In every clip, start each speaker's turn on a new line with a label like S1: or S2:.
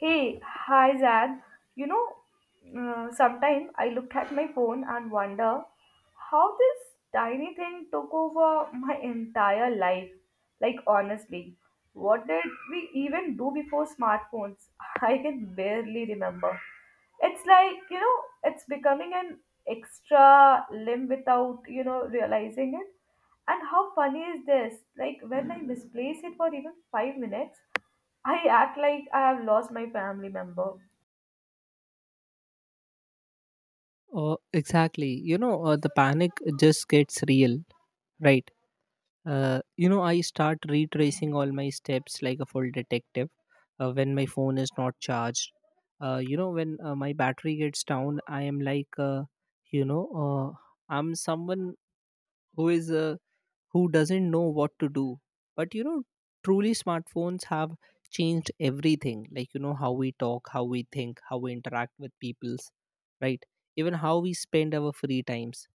S1: Hey, hi Zad. You know, sometime I look at my phone and wonder how this tiny thing took over my entire life. Like, honestly, what did we even do before smartphones? I can barely remember. It's like, you know, it's becoming an extra limb without, realizing it. And how funny is this? Like, when I misplace it for even 5 minutes, I act like I have lost my family member.
S2: Exactly. The panic just gets real, right? I start retracing all my steps like a full detective when my phone is not charged. When my battery gets down, I am like, you know, I'm someone who is who doesn't know what to do. But you know, truly smartphones have changed everything. Like, you know, how we talk, how we think, how we interact with peoples, right? Even how we spend our free times.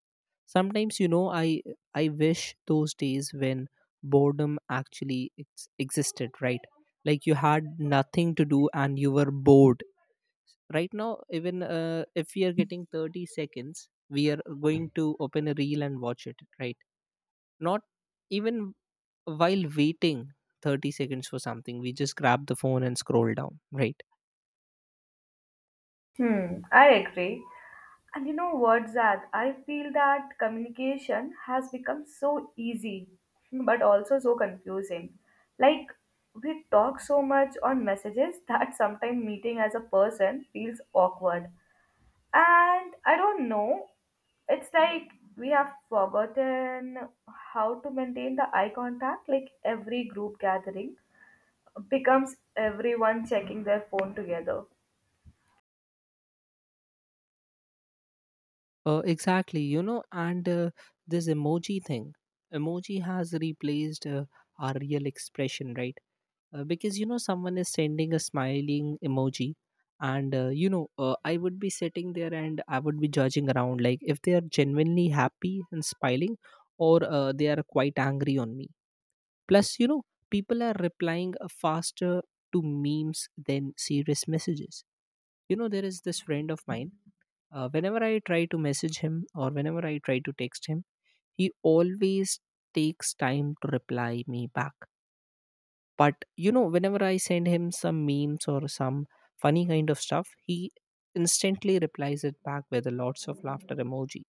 S2: Sometimes, you know, I wish those days when boredom actually existed, right? Like you had nothing to do and you were bored. Right now, even if we are getting 30 seconds, we are going to open a reel and watch it, right? Not even while waiting 30 seconds for something, we just grab the phone and scroll down, right?
S1: Hmm, I agree. And you know what, Zach? I feel that communication has become so easy, but also so confusing. Like, we talk so much on messages that sometimes meeting as a person feels awkward. And I don't know, it's like we have forgotten how to maintain the eye contact, like every group gathering becomes everyone checking their phone together.
S2: Exactly, you know. And This emoji thing, emoji has replaced our real expression, right? Because, you know, someone is sending a smiling emoji, and you know I would be sitting there and I would be judging around like if they are genuinely happy and smiling, or they are quite angry on me. Plus, you know, people are replying faster to memes than serious messages. You know, there is this friend of mine. Whenever I try to message him or whenever I try to text him, he always takes time to reply me back. But, you know, whenever I send him some memes or some funny kind of stuff, he instantly replies it back with lots of laughter emoji.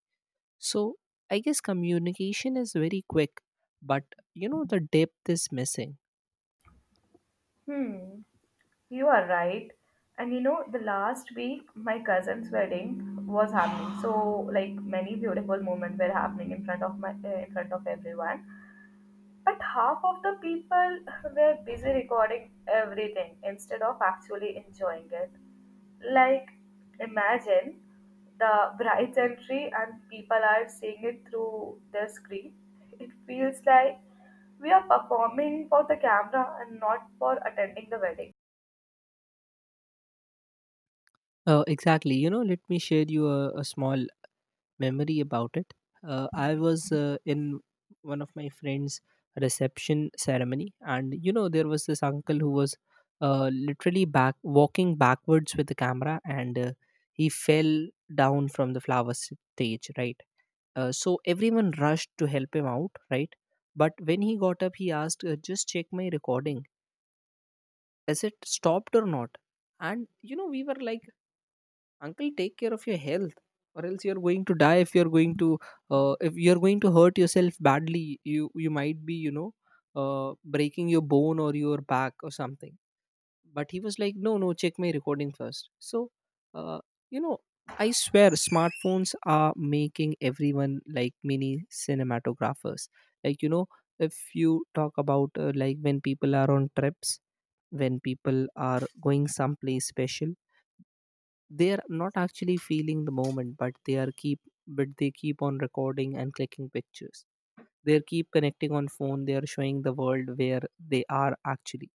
S2: So, I guess communication is very quick, but, you know, the depth is missing.
S1: Hmm, you are right. And you know, the last week my cousin's wedding was happening. So like many beautiful moments were happening in front of my in front of everyone. But half of the people were busy recording everything instead of actually enjoying it. Like, imagine the bride's entry and people are seeing it through their screen. It feels like we are performing for the camera and not for attending the wedding.
S2: Exactly. You know, let me share you a small memory about it. I was in one of my friend's reception ceremony, and you know, there was this uncle who was literally back walking backwards with the camera, and he fell down from the flower stage, right? So everyone rushed to help him out, right? But when he got up, he asked, "Just check my recording. Is it stopped or not?" And you know, we were like, uncle, take care of your health, or else you're going to die if you're going to if you're going to hurt yourself badly. You might be, you know, breaking your bone or your back or something. But he was like, no, no, check my recording first. So uh, you know, I swear smartphones are making everyone like mini cinematographers. Like, you know, if you talk about like when people are on trips, when people are going someplace special, they're not actually feeling the moment, but they are keep but they keep on recording and clicking pictures. They keep connecting on phone, they are showing the world where they are actually,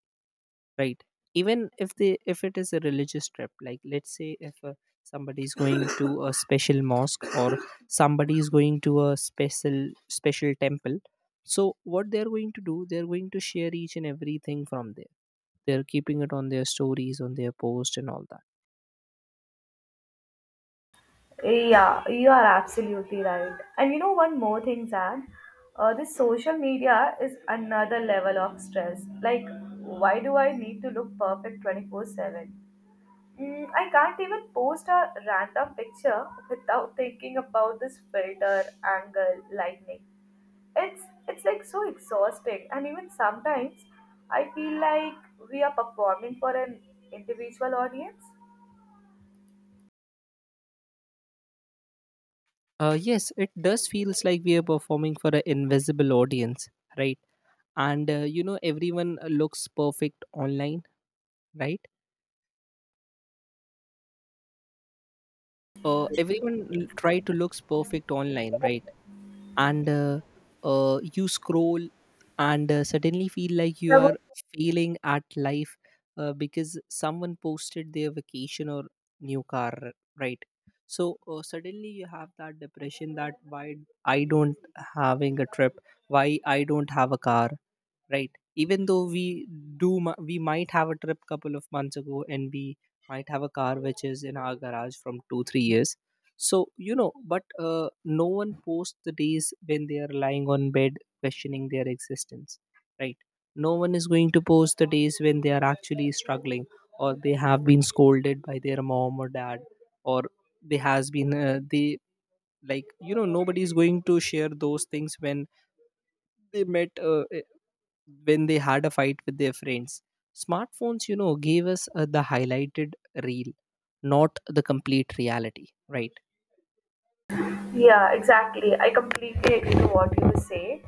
S2: right? Even if they if it is a religious trip, like let's say if somebody is going to a special mosque, or somebody is going to a special temple, so what they're going to do, they're going to share each and everything from there. They're keeping it on their stories, on their post and all.
S1: Yeah, you are absolutely right. And you know, one more thing, Zan, this social media is another level of stress. Like, why do I need to look perfect 24/7? I can't even post a random picture without thinking about this filter, angle, lightning. It's like so exhausting, and even sometimes I feel like we are performing for an individual audience.
S2: Yes, it does feels like we are performing for an invisible audience, right? And you know, everyone looks perfect online, right? Everyone try to looks perfect online, right? And You scroll and suddenly feel like you are failing at life, because someone posted their vacation or new car, right? So suddenly you have that depression, that why I don't having a trip, why I don't have a car, right? Even though we we might have a trip couple of months ago, and we might have a car which is in our garage from 2 or 3 years. So you know, but no one posts the days when they are lying on bed questioning their existence, right? No one is going to post the days when they are actually struggling, or they have been scolded by their mom or dad, or they has been they like, you know, nobody is going to share those things when they met when they had a fight with their friends. Smartphones, you know, gave us the highlighted reel, not the complete reality, right?
S1: Yeah, exactly. I completely agree to what you say.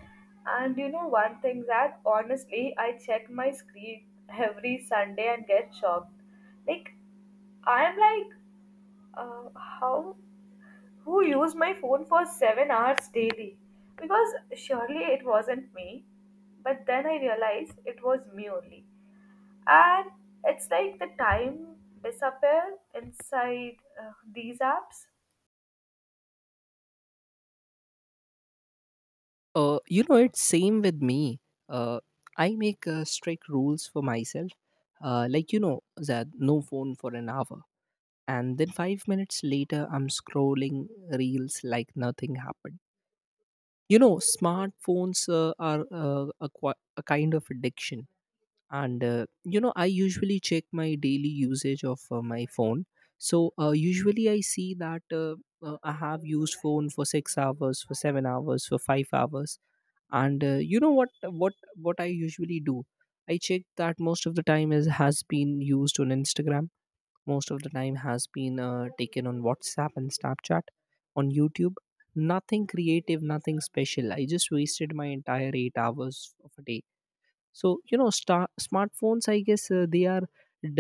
S1: And you know, one thing that honestly, I check my screen every Sunday and get shocked. Like, I'm like, uh, how, who used my phone for 7 hours daily? Because surely it wasn't me. But then I realized it was me only. And it's like the time disappear inside these apps.
S2: You know, it's same with me. Uh, I make strict rules for myself. Like, you know, that no phone for an hour. And then 5 minutes later, I'm scrolling reels like nothing happened. You know, smartphones are a kind of addiction. And you know, I usually check my daily usage of my phone. So usually I see that I have used phone for 6 hours, for 7 hours, for 5 hours. And you know what what I usually do, I check that most of the time is has been used on Instagram, most of the time has been taken on WhatsApp and Snapchat, on YouTube. Nothing creative, nothing special, I just wasted my entire 8 hours of a day. So you know, smartphones, I guess they are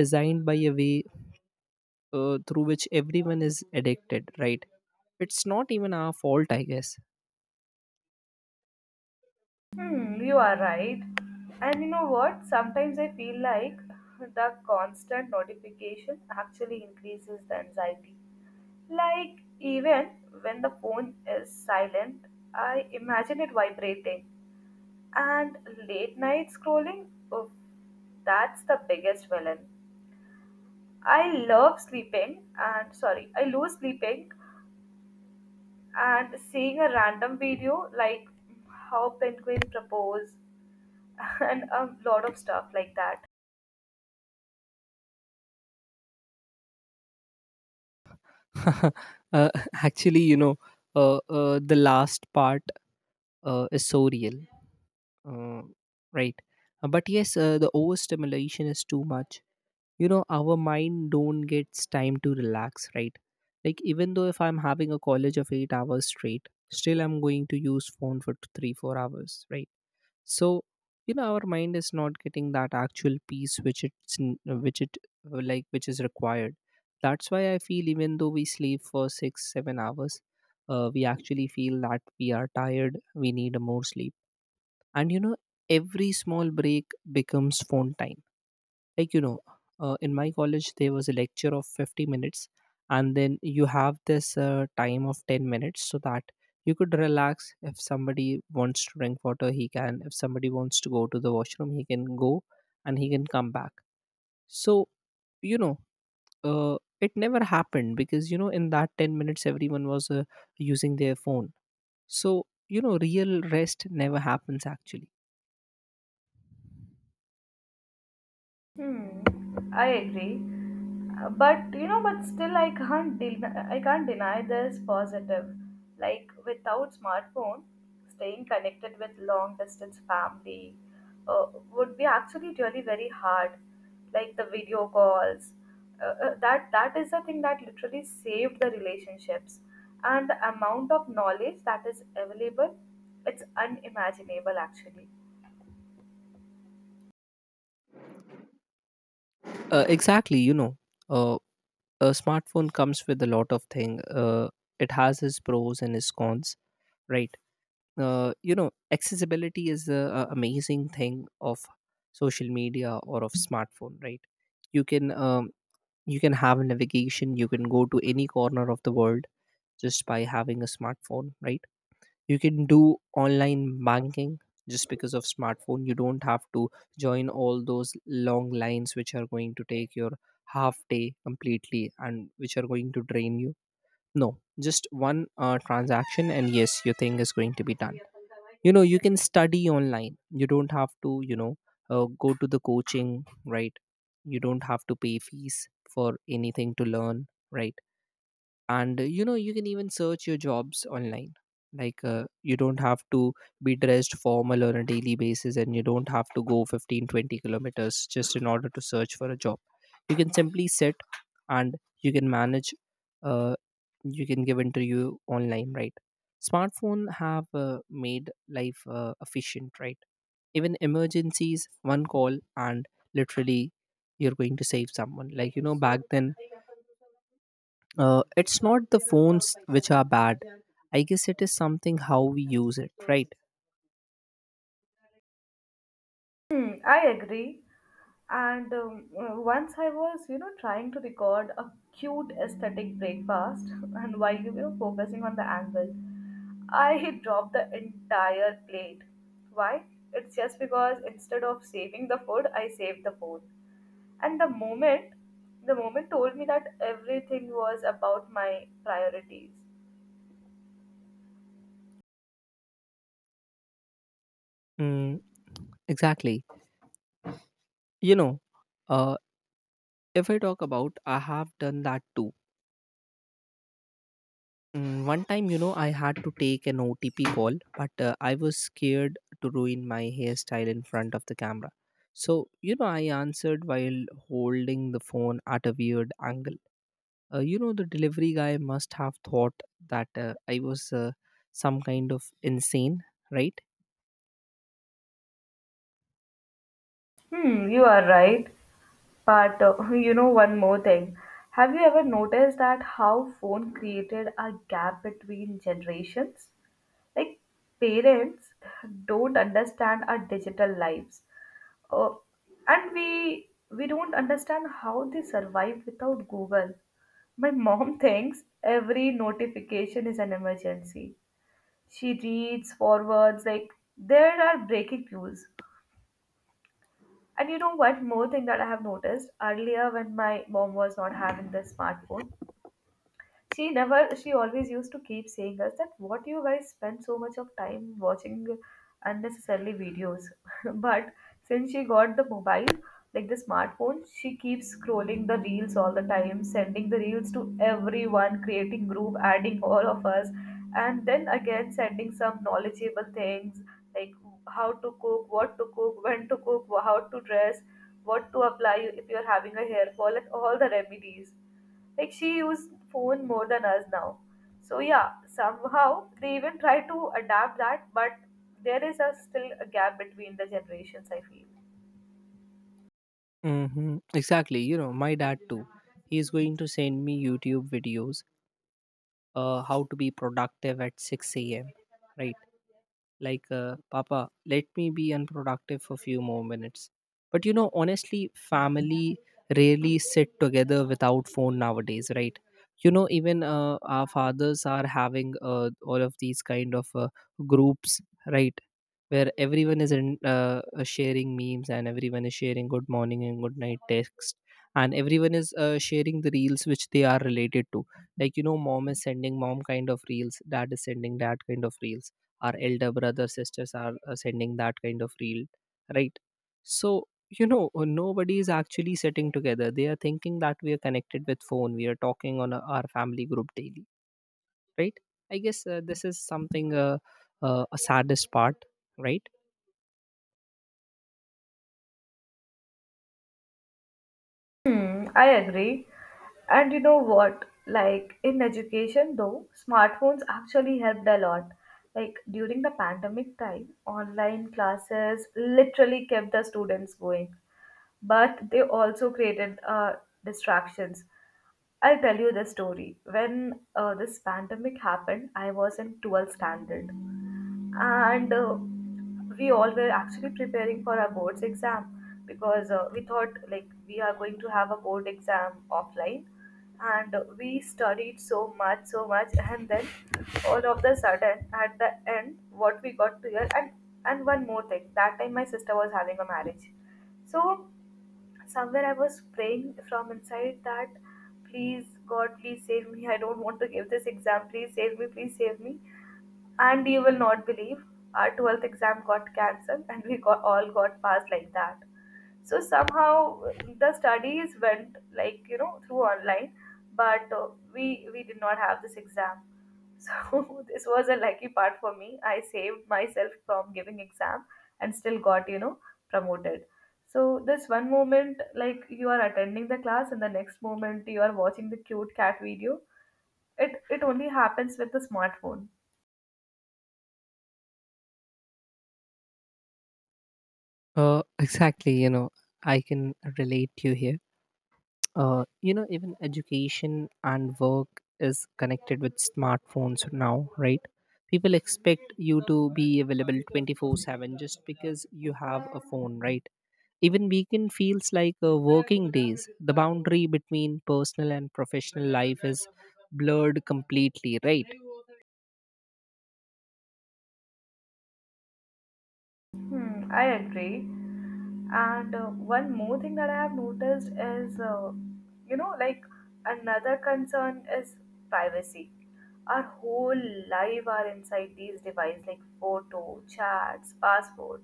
S2: designed by a way through which everyone is addicted, right? It's not even our fault, I guess.
S1: Hmm, you are right. And you know what? Sometimes I feel like the constant notification actually increases the anxiety. Like, even when the phone is silent, I imagine it vibrating. And late night scrolling, oh, that's the biggest villain. I love sleeping and sorry, I lose sleeping and seeing a random video like how penguin propose and a lot of stuff like that.
S2: uh, Actually, you know, the last part is so real, uh, right? But yes, the overstimulation is too much. You know, our mind don't gets time to relax, right? Like even though if I'm having a college of 8 hours straight, still I'm going to use phone for 3 or 4 hours, right? So you know, our mind is not getting that actual peace which which it like which is required. That's why I feel, even though we sleep for 6 or 7 hours, we actually feel that we are tired, we need more sleep. And you know, every small break becomes phone time. Like you know, in my college there was a lecture of 50 minutes, and then you have this time of 10 minutes so that you could relax. If somebody wants to drink water he can, if somebody wants to go to the washroom he can go and he can come back. So you know, it never happened because you know, in that 10 minutes everyone was using their phone. So you know, real rest never happens actually.
S1: Hmm, I agree. But you know, but still, I can't deny this positive. Like without smartphone, staying connected with long distance family would be actually really very hard. Like the video calls, that is the thing that literally saved the relationships, and the amount of knowledge that is available, it's unimaginable actually.
S2: Exactly, you know. uh, a smartphone comes with a lot of thing. It has its pros and its cons, right? You know, accessibility is the amazing thing of social media or of smartphone, right? You can um, you can have navigation. You can go to any corner of the world just by having a smartphone, right? You can do online banking just because of smartphone. You don't have to join all those long lines which are going to take your half day completely and which are going to drain you. No, just one transaction, and yes, your thing is going to be done. You know, you can study online. You don't have to, you know, go to the coaching, right? You don't have to pay fees for anything to learn, right? And you know, you can even search your jobs online. Like you don't have to be dressed formal on a daily basis, and you don't have to go 15, 20 kilometers just in order to search for a job. You can simply sit and you can manage uh, you can give interview online, right? Smartphone have made life efficient, right? Even emergencies, one call and literally you're going to save someone, like you know, back then it's not the phones which are bad. I guess it is something how we use it, right?
S1: Hmm, I agree. And once I was, you know, trying to record a cute aesthetic breakfast, and while you know focusing on the angle, I dropped the entire plate. Why? It's just because instead of saving the food, I saved the phone. And the moment told me that everything was about my priorities.
S2: Mm, exactly. You know, uh, if I talk about, I have done that too. Mm, one time, you know, I had to take an OTP call, but I was scared to ruin my hairstyle in front of the camera. So, you know, I answered while holding the phone at a weird angle. You know, the delivery guy must have thought that I was some kind of insane, right?
S1: Hmm, you are right. But you know one more thing. Have you ever noticed that how phone created a gap between generations? Like parents don't understand our digital lives. Uh, and we don't understand how they survive without Google. My mom thinks every notification is an emergency. She reads forwards like there are breaking news. And you know what? More thing that I have noticed earlier when my mom was not having the smartphone, she never she always used to keep saying us that what you guys spend so much of time watching unnecessarily videos but since she got the mobile like the smartphone she keeps scrolling the reels all the time sending the reels to everyone creating group adding all of us and then again sending some knowledgeable things like how to cook, what to cook, when to cook, how to dress, what to apply if you're having a hair fall and all the remedies. Like she used phone more than us now. So yeah, somehow they even try to adapt that but there is a still a gap between the generations, I feel.
S2: Mm-hmm. Exactly. You know, my dad too. He is going to send me YouTube videos, how to be productive at 6 a.m. Right. Like papa, let me be unproductive for few more minutes. But you know honestly family rarely sit together without phone nowadays, right? You know, even our fathers are having all of these kind of groups, right? Where everyone is in, sharing memes, and everyone is sharing good morning and good night text, and everyone is sharing the reels which they are related to. Like, you know, mom is sending mom kind of reels, dad is sending dad kind of reels, our elder brothers sisters are sending that kind of reel, right? So, you know, nobody is actually sitting together. They are thinking that we are connected with phone, we are talking on our family group daily, right? I guess this is something, a saddest part, right?
S1: Hmm, I agree. And you know what, like in education though smartphones actually helped a lot. Like during the pandemic time online classes literally kept the students going, but they also created distractions. I'll tell you the story. When this pandemic happened, I was in 12th standard, and uh, we all were actually preparing for our board's exam because we thought like we are going to have a board exam offline, and we studied so much, so much, and then all of the sudden at the end, what we got to hear, and one more thing, that time my sister was having a marriage, so somewhere I was praying from inside that, please God, please save me. I don't want to give this exam. Please save me. Please save me. And you will not believe, our 12th exam got cancelled, and we got all got passed like that. So somehow the studies went like you know through online, but we did not have this exam. So this was a lucky part for me. I saved myself from giving exam and still got, you know, promoted. So this one moment like you are attending the class and the next moment you are watching the cute cat video, it only happens with the smartphone.
S2: Exactly, you know, I can relate to you here. You know, even education and work is connected with smartphones now, right? People expect you to be available 24/7 just because you have a phone, right? Even weekend feels like working days. The boundary between personal and professional life is blurred completely, right?
S1: Hmm, I agree. And one more thing that I have noticed is, you know, like another concern is privacy. Our whole life are inside these devices, like photo, chats, passport,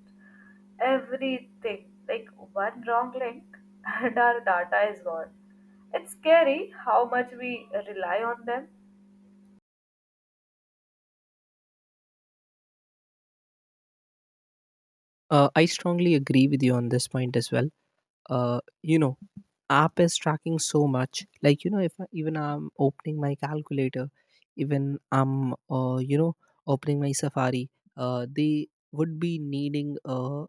S1: everything. Like one wrong link, and our data is gone. It's scary how much we rely on them.
S2: I strongly agree with you on this point as well. Uh, you know, app is tracking so much. Like, you know, if I, even I'm opening my calculator, even I'm, you know, opening my Safari, they would be needing,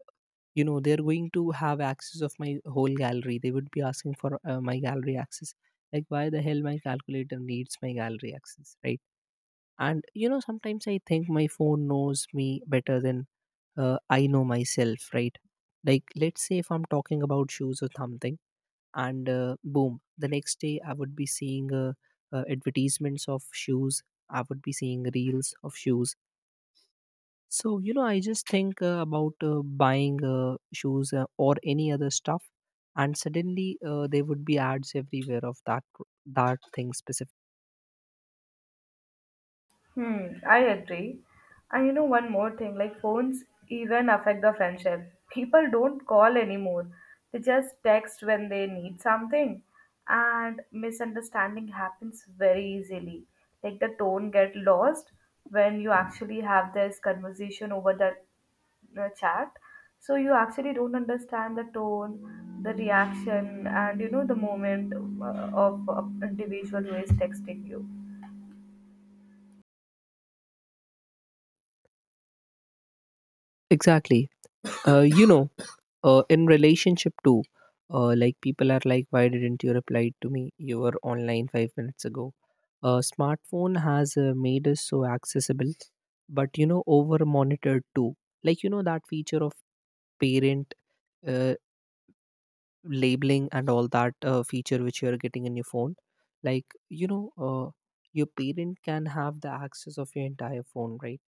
S2: you know, they're going to have access of my whole gallery. They would be asking for my gallery access. Like, why the hell my calculator needs my gallery access, right? And you know sometimes I think my phone knows me better than I know myself, right? Like, let's say if I'm talking about shoes or something, and boom, the next day I would be seeing, advertisements of shoes. I would be seeing reels of shoes. So, you know, I just think about buying shoes, or any other stuff, and suddenly there would be ads everywhere of that thing specific.
S1: Hmm, I agree. And you know one more thing, like phones even affect the friendship. People don't call anymore. They just text when they need something. And misunderstanding happens very easily. Like the tone get lost when you actually have this conversation over the chat. So you actually don't understand the tone, the reaction, and you know the moment of individual who is texting you.
S2: Exactly. You know, in relationship too, like people are like, why didn't you reply to me? You were online 5 minutes ago. Smartphone has made us so accessible, but you know, over monitored too. Like, you know, that feature of parent, uh, labeling, and all that feature which you are getting in your phone. Like, you know, your parent can have the access of your entire phone, right?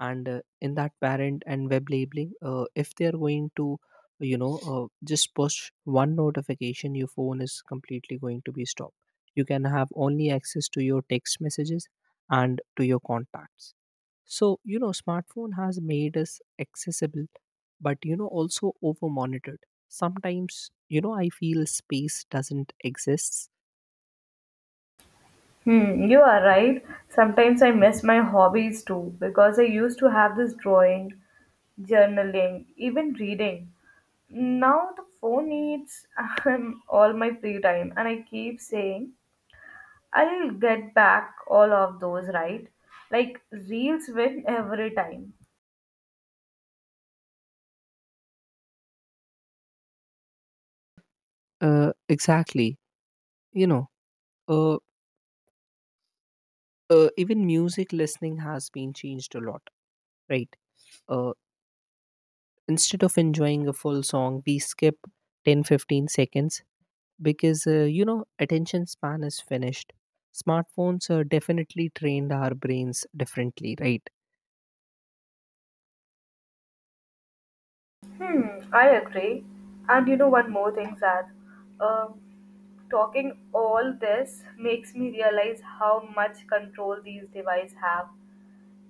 S2: And in that parent and web labeling, if they are going to, you know, just push one notification, your phone is completely going to be stopped. You can have only access to your text messages and to your contacts. So, you know, smartphone has made us accessible, but you know, also over monitored. Sometimes, you know, I feel space doesn't exist.
S1: Hmm, you are right. Sometimes I miss my hobbies too because I used to have this drawing, journaling, even reading. Now the phone eats all my free time, and I keep saying I'll get back all of those, right? Like reels win every time.
S2: Exactly, you know, uh, even music listening has been changed a lot, right? Uh, Instead of enjoying a full song, we skip 10 15 seconds because, you know, attention span is finished. Smartphones definitely trained our brains differently, right?
S1: Hmm, I agree. And you know one more thing, Zad. Um, talking all this makes me realize how much control these devices have.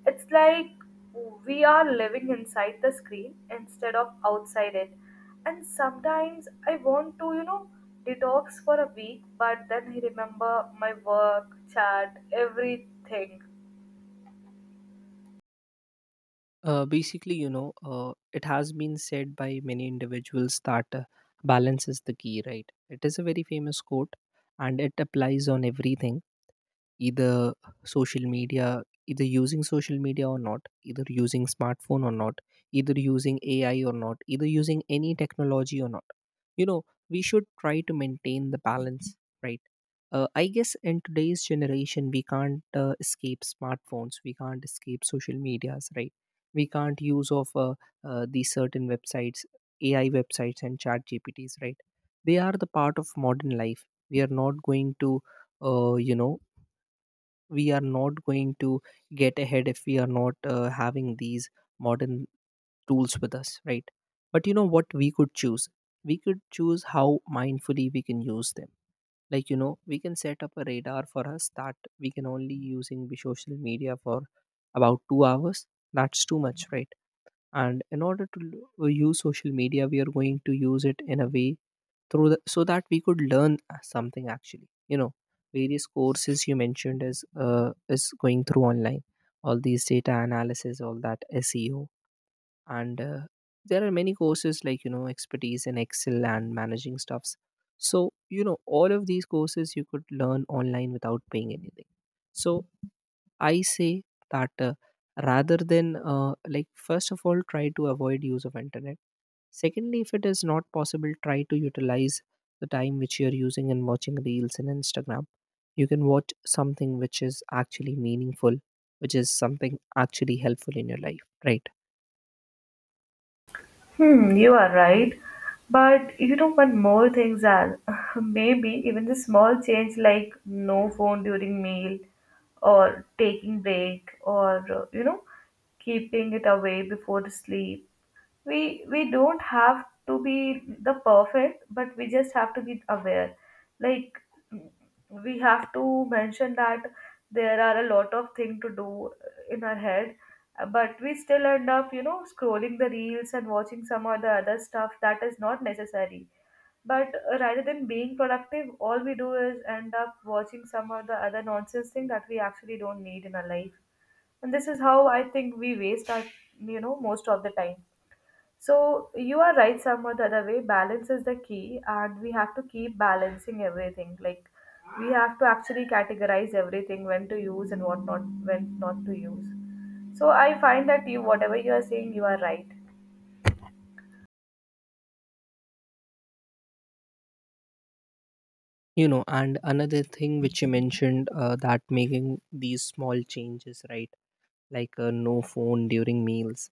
S1: It's like we are living inside the screen instead of outside it. And sometimes I want to, you know, detox for a week, but then I remember my work, chat, everything.
S2: Basically, you know, it has been said by many individuals that balance is the key, right? It is a very famous quote, and it applies on everything, either social media, either using social media or not, either using smartphone or not, either using ai or not, either using any technology or not. You know, we should try to maintain the balance, right? I guess in today's generation we can't escape smartphones, we can't escape social medias, right? We can't use of these certain websites, ai websites and chat gpts, right? They are the part of modern life. We are not going to, you know, we are not going to get ahead if we are not having these modern tools with us, right? But you know what we could choose, we could choose how mindfully we can use them. Like, you know, we can set up a radar for us that we can only using the social media for about 2 hours. That's too much, right? And in order to use social media, we are going to use it in a way, through the, so that we could learn something actually, you know. Various courses you mentioned is going through online. All these data analysis, all that seo, and there are many courses like, you know, expertise in excel and managing stuffs. So, you know, all of these courses you could learn online without paying anything. So, I say that, rather than, like, first of all, try to avoid use of internet. Secondly, if it is not possible, try to utilize the time which you are using in watching reels and Instagram. You can watch something which is actually meaningful, which is something actually helpful in your life, right?
S1: Hmm, you are right. But you know, one more thing, Zal. Maybe even the small change like no phone during meal or taking break or, you know, keeping it away before sleep. We don't have to be the perfect but we just have to be aware. Like we have to mention that there are a lot of things to do in our head, but we still end up, you know, scrolling the reels and watching some or the other stuff that is not necessary. But rather than being productive all we do is end up watching some or the other nonsense thing that we actually don't need in our life. And this is how I think we waste our, you know, most of the time. So you are right somewhat the other way. Balance is the key, and we have to keep balancing everything. Like we have to actually categorize everything when to use and what not, when not to use. So I find that you whatever you are saying, you are right.
S2: You know, and another thing which you mentioned, that making these small changes, right? Like, no phone during meals,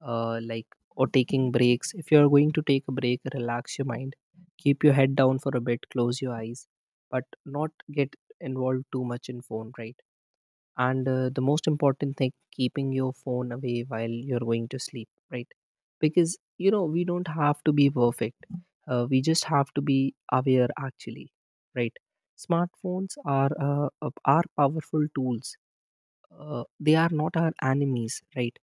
S2: like, or taking breaks. If you are going to take a break, relax your mind, keep your head down for a bit, close your eyes, but not get involved too much in phone, right? And the most important thing, keeping your phone away while you're going to sleep, right? Because you know we don't have to be perfect. We just have to be aware actually, right? Smartphones are powerful tools. They are not our enemies, right?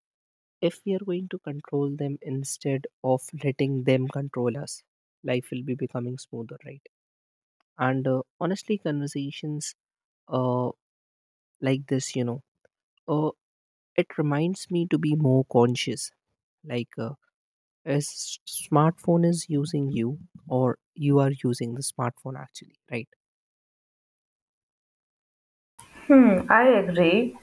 S2: If we are going to control them instead of letting them control us, life will be becoming smoother, right? And honestly, conversations, uh, like this, you know, uh, it reminds me to be more conscious. Like, as smartphone is using you, or you are using the smartphone actually, right?
S1: Hmm, I agree.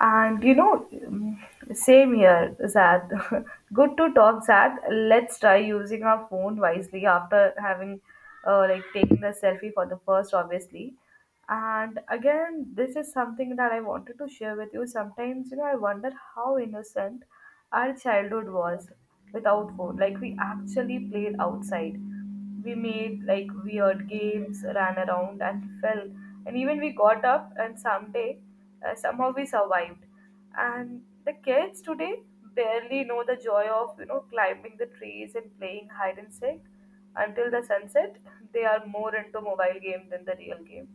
S1: And you know, mm, same here, Zad. Good to talk, Zad. Let's try using our phone wisely after having, taking the selfie for the first, obviously. And again, this is something that I wanted to share with you. Sometimes, you know, I wonder how innocent our childhood was without phone. Like, we actually played outside. We made like weird games, ran around and fell. And even we got up and someday somehow we survived. And the kids today barely know the joy of, you know, climbing the trees and playing hide and seek until the sunset. They are more into mobile game than the real game.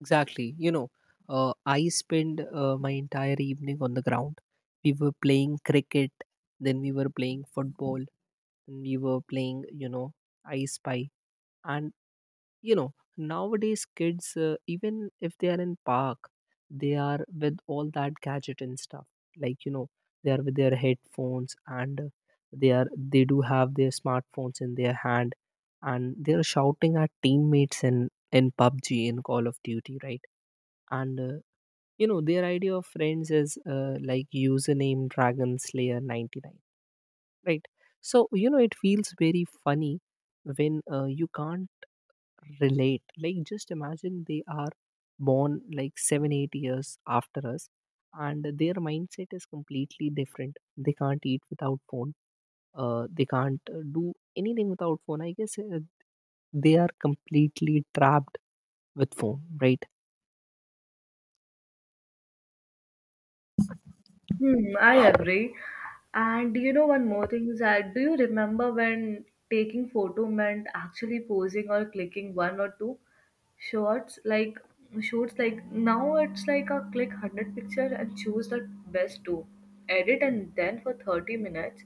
S2: Exactly, you know, I spend my entire evening on the ground. We were playing cricket, then we were playing football. Then we were playing, you know, I spy. And you know nowadays kids, even if they are in park, they are with all that gadget and stuff. Like, you know, they are with their headphones, and they do have their smartphones in their hand. And they are shouting at teammates in pubg, in call of duty, right? And you know, their idea of friends is like username dragon slayer 99, right? So, you know, it feels very funny when you can't relate. Like, just imagine, they are born like 7 8 years after us, and their mindset is completely different. They can't eat without phone. They can't do anything without phone. I guess they are completely trapped with phone, right?
S1: Hmm, I agree. And you know, one more thing is that do you remember when taking photo meant actually posing or clicking one or two shots? Like now it's like a click hundred picture and choose the best two. Edit and then for 30 minutes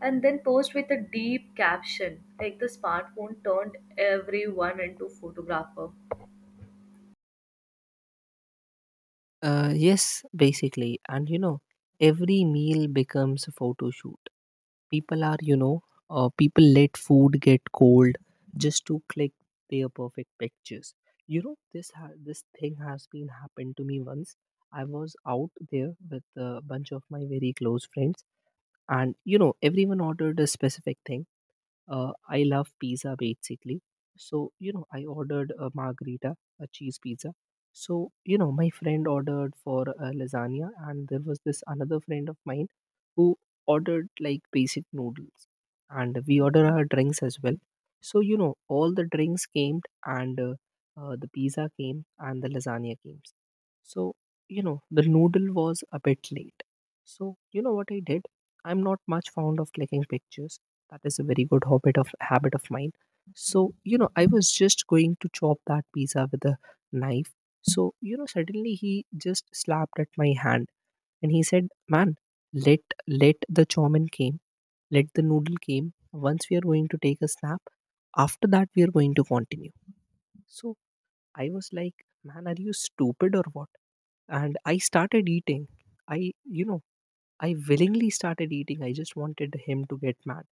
S1: and then post with a deep caption. Like the smartphone turned everyone into photographer.
S2: Yes, basically, and you know every meal becomes a photo shoot. People are, you know, people let food get cold just to click their perfect pictures. You know, this thing has been happened to me once. I was out there with a bunch of my very close friends, and you know, everyone ordered a specific thing. I love pizza basically. So, you know, I ordered a margarita, a cheese pizza. So, you know, my friend ordered for lasagna, and there was this another friend of mine who ordered like basic noodles. And we ordered our drinks as well. So, you know, all the drinks came, and the pizza came, and the lasagna came. So, you know, the noodle was a bit late. So, you know what I did? I'm not much fond of clicking pictures, that is a very good habit of mine. So, you know, I was just going to chop that pizza with a knife. So, you know, suddenly he just slapped at my hand, and he said, man, let let the chowmin came, let the noodle came, once we are going to take a snap, after that we are going to continue. So, I was like, man, are you stupid or what? And I started eating. I, you know, I willingly started eating. I just wanted him to get mad.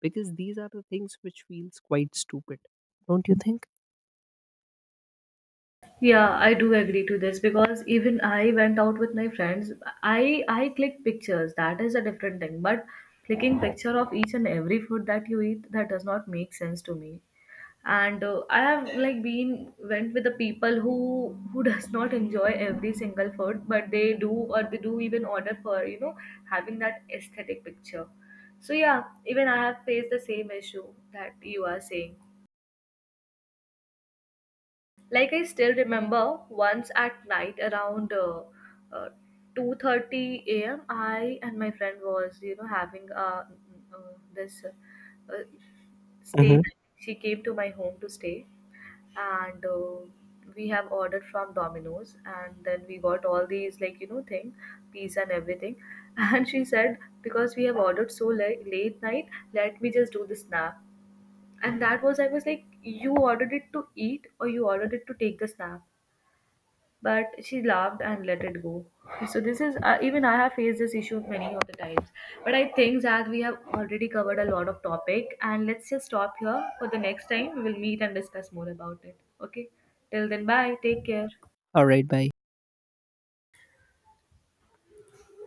S2: Because these are the things which feels quite stupid, don't you think?
S1: Yeah, I do agree to this because even I went out with my friends. I click pictures. That is a different thing. But clicking picture of each and every food that you eat that does not make sense to me. And I have like been went with the people who does not enjoy every single food, but they do even order for, you know, having that aesthetic picture. So yeah, even I have faced the same issue that you are saying. Like I still remember once at night around uh, 2:30 a.m. I and my friend was you know having mm, this uh, stay.
S2: Hmm.
S1: She came to my home to stay. And we have ordered from Domino's and then we got all these like you know thing, pizza and everything and she said because we have ordered so late, late night, let me just do the snack. And that was, I was like, you ordered it to eat or you ordered it to take the snap? But she laughed and let it go. So this is, even I have faced this issue many of the times. But I think that we have already covered a lot of topic and let's just stop here. For the next time we will meet and discuss more about it, okay? Till then bye, take care.
S2: All right, bye.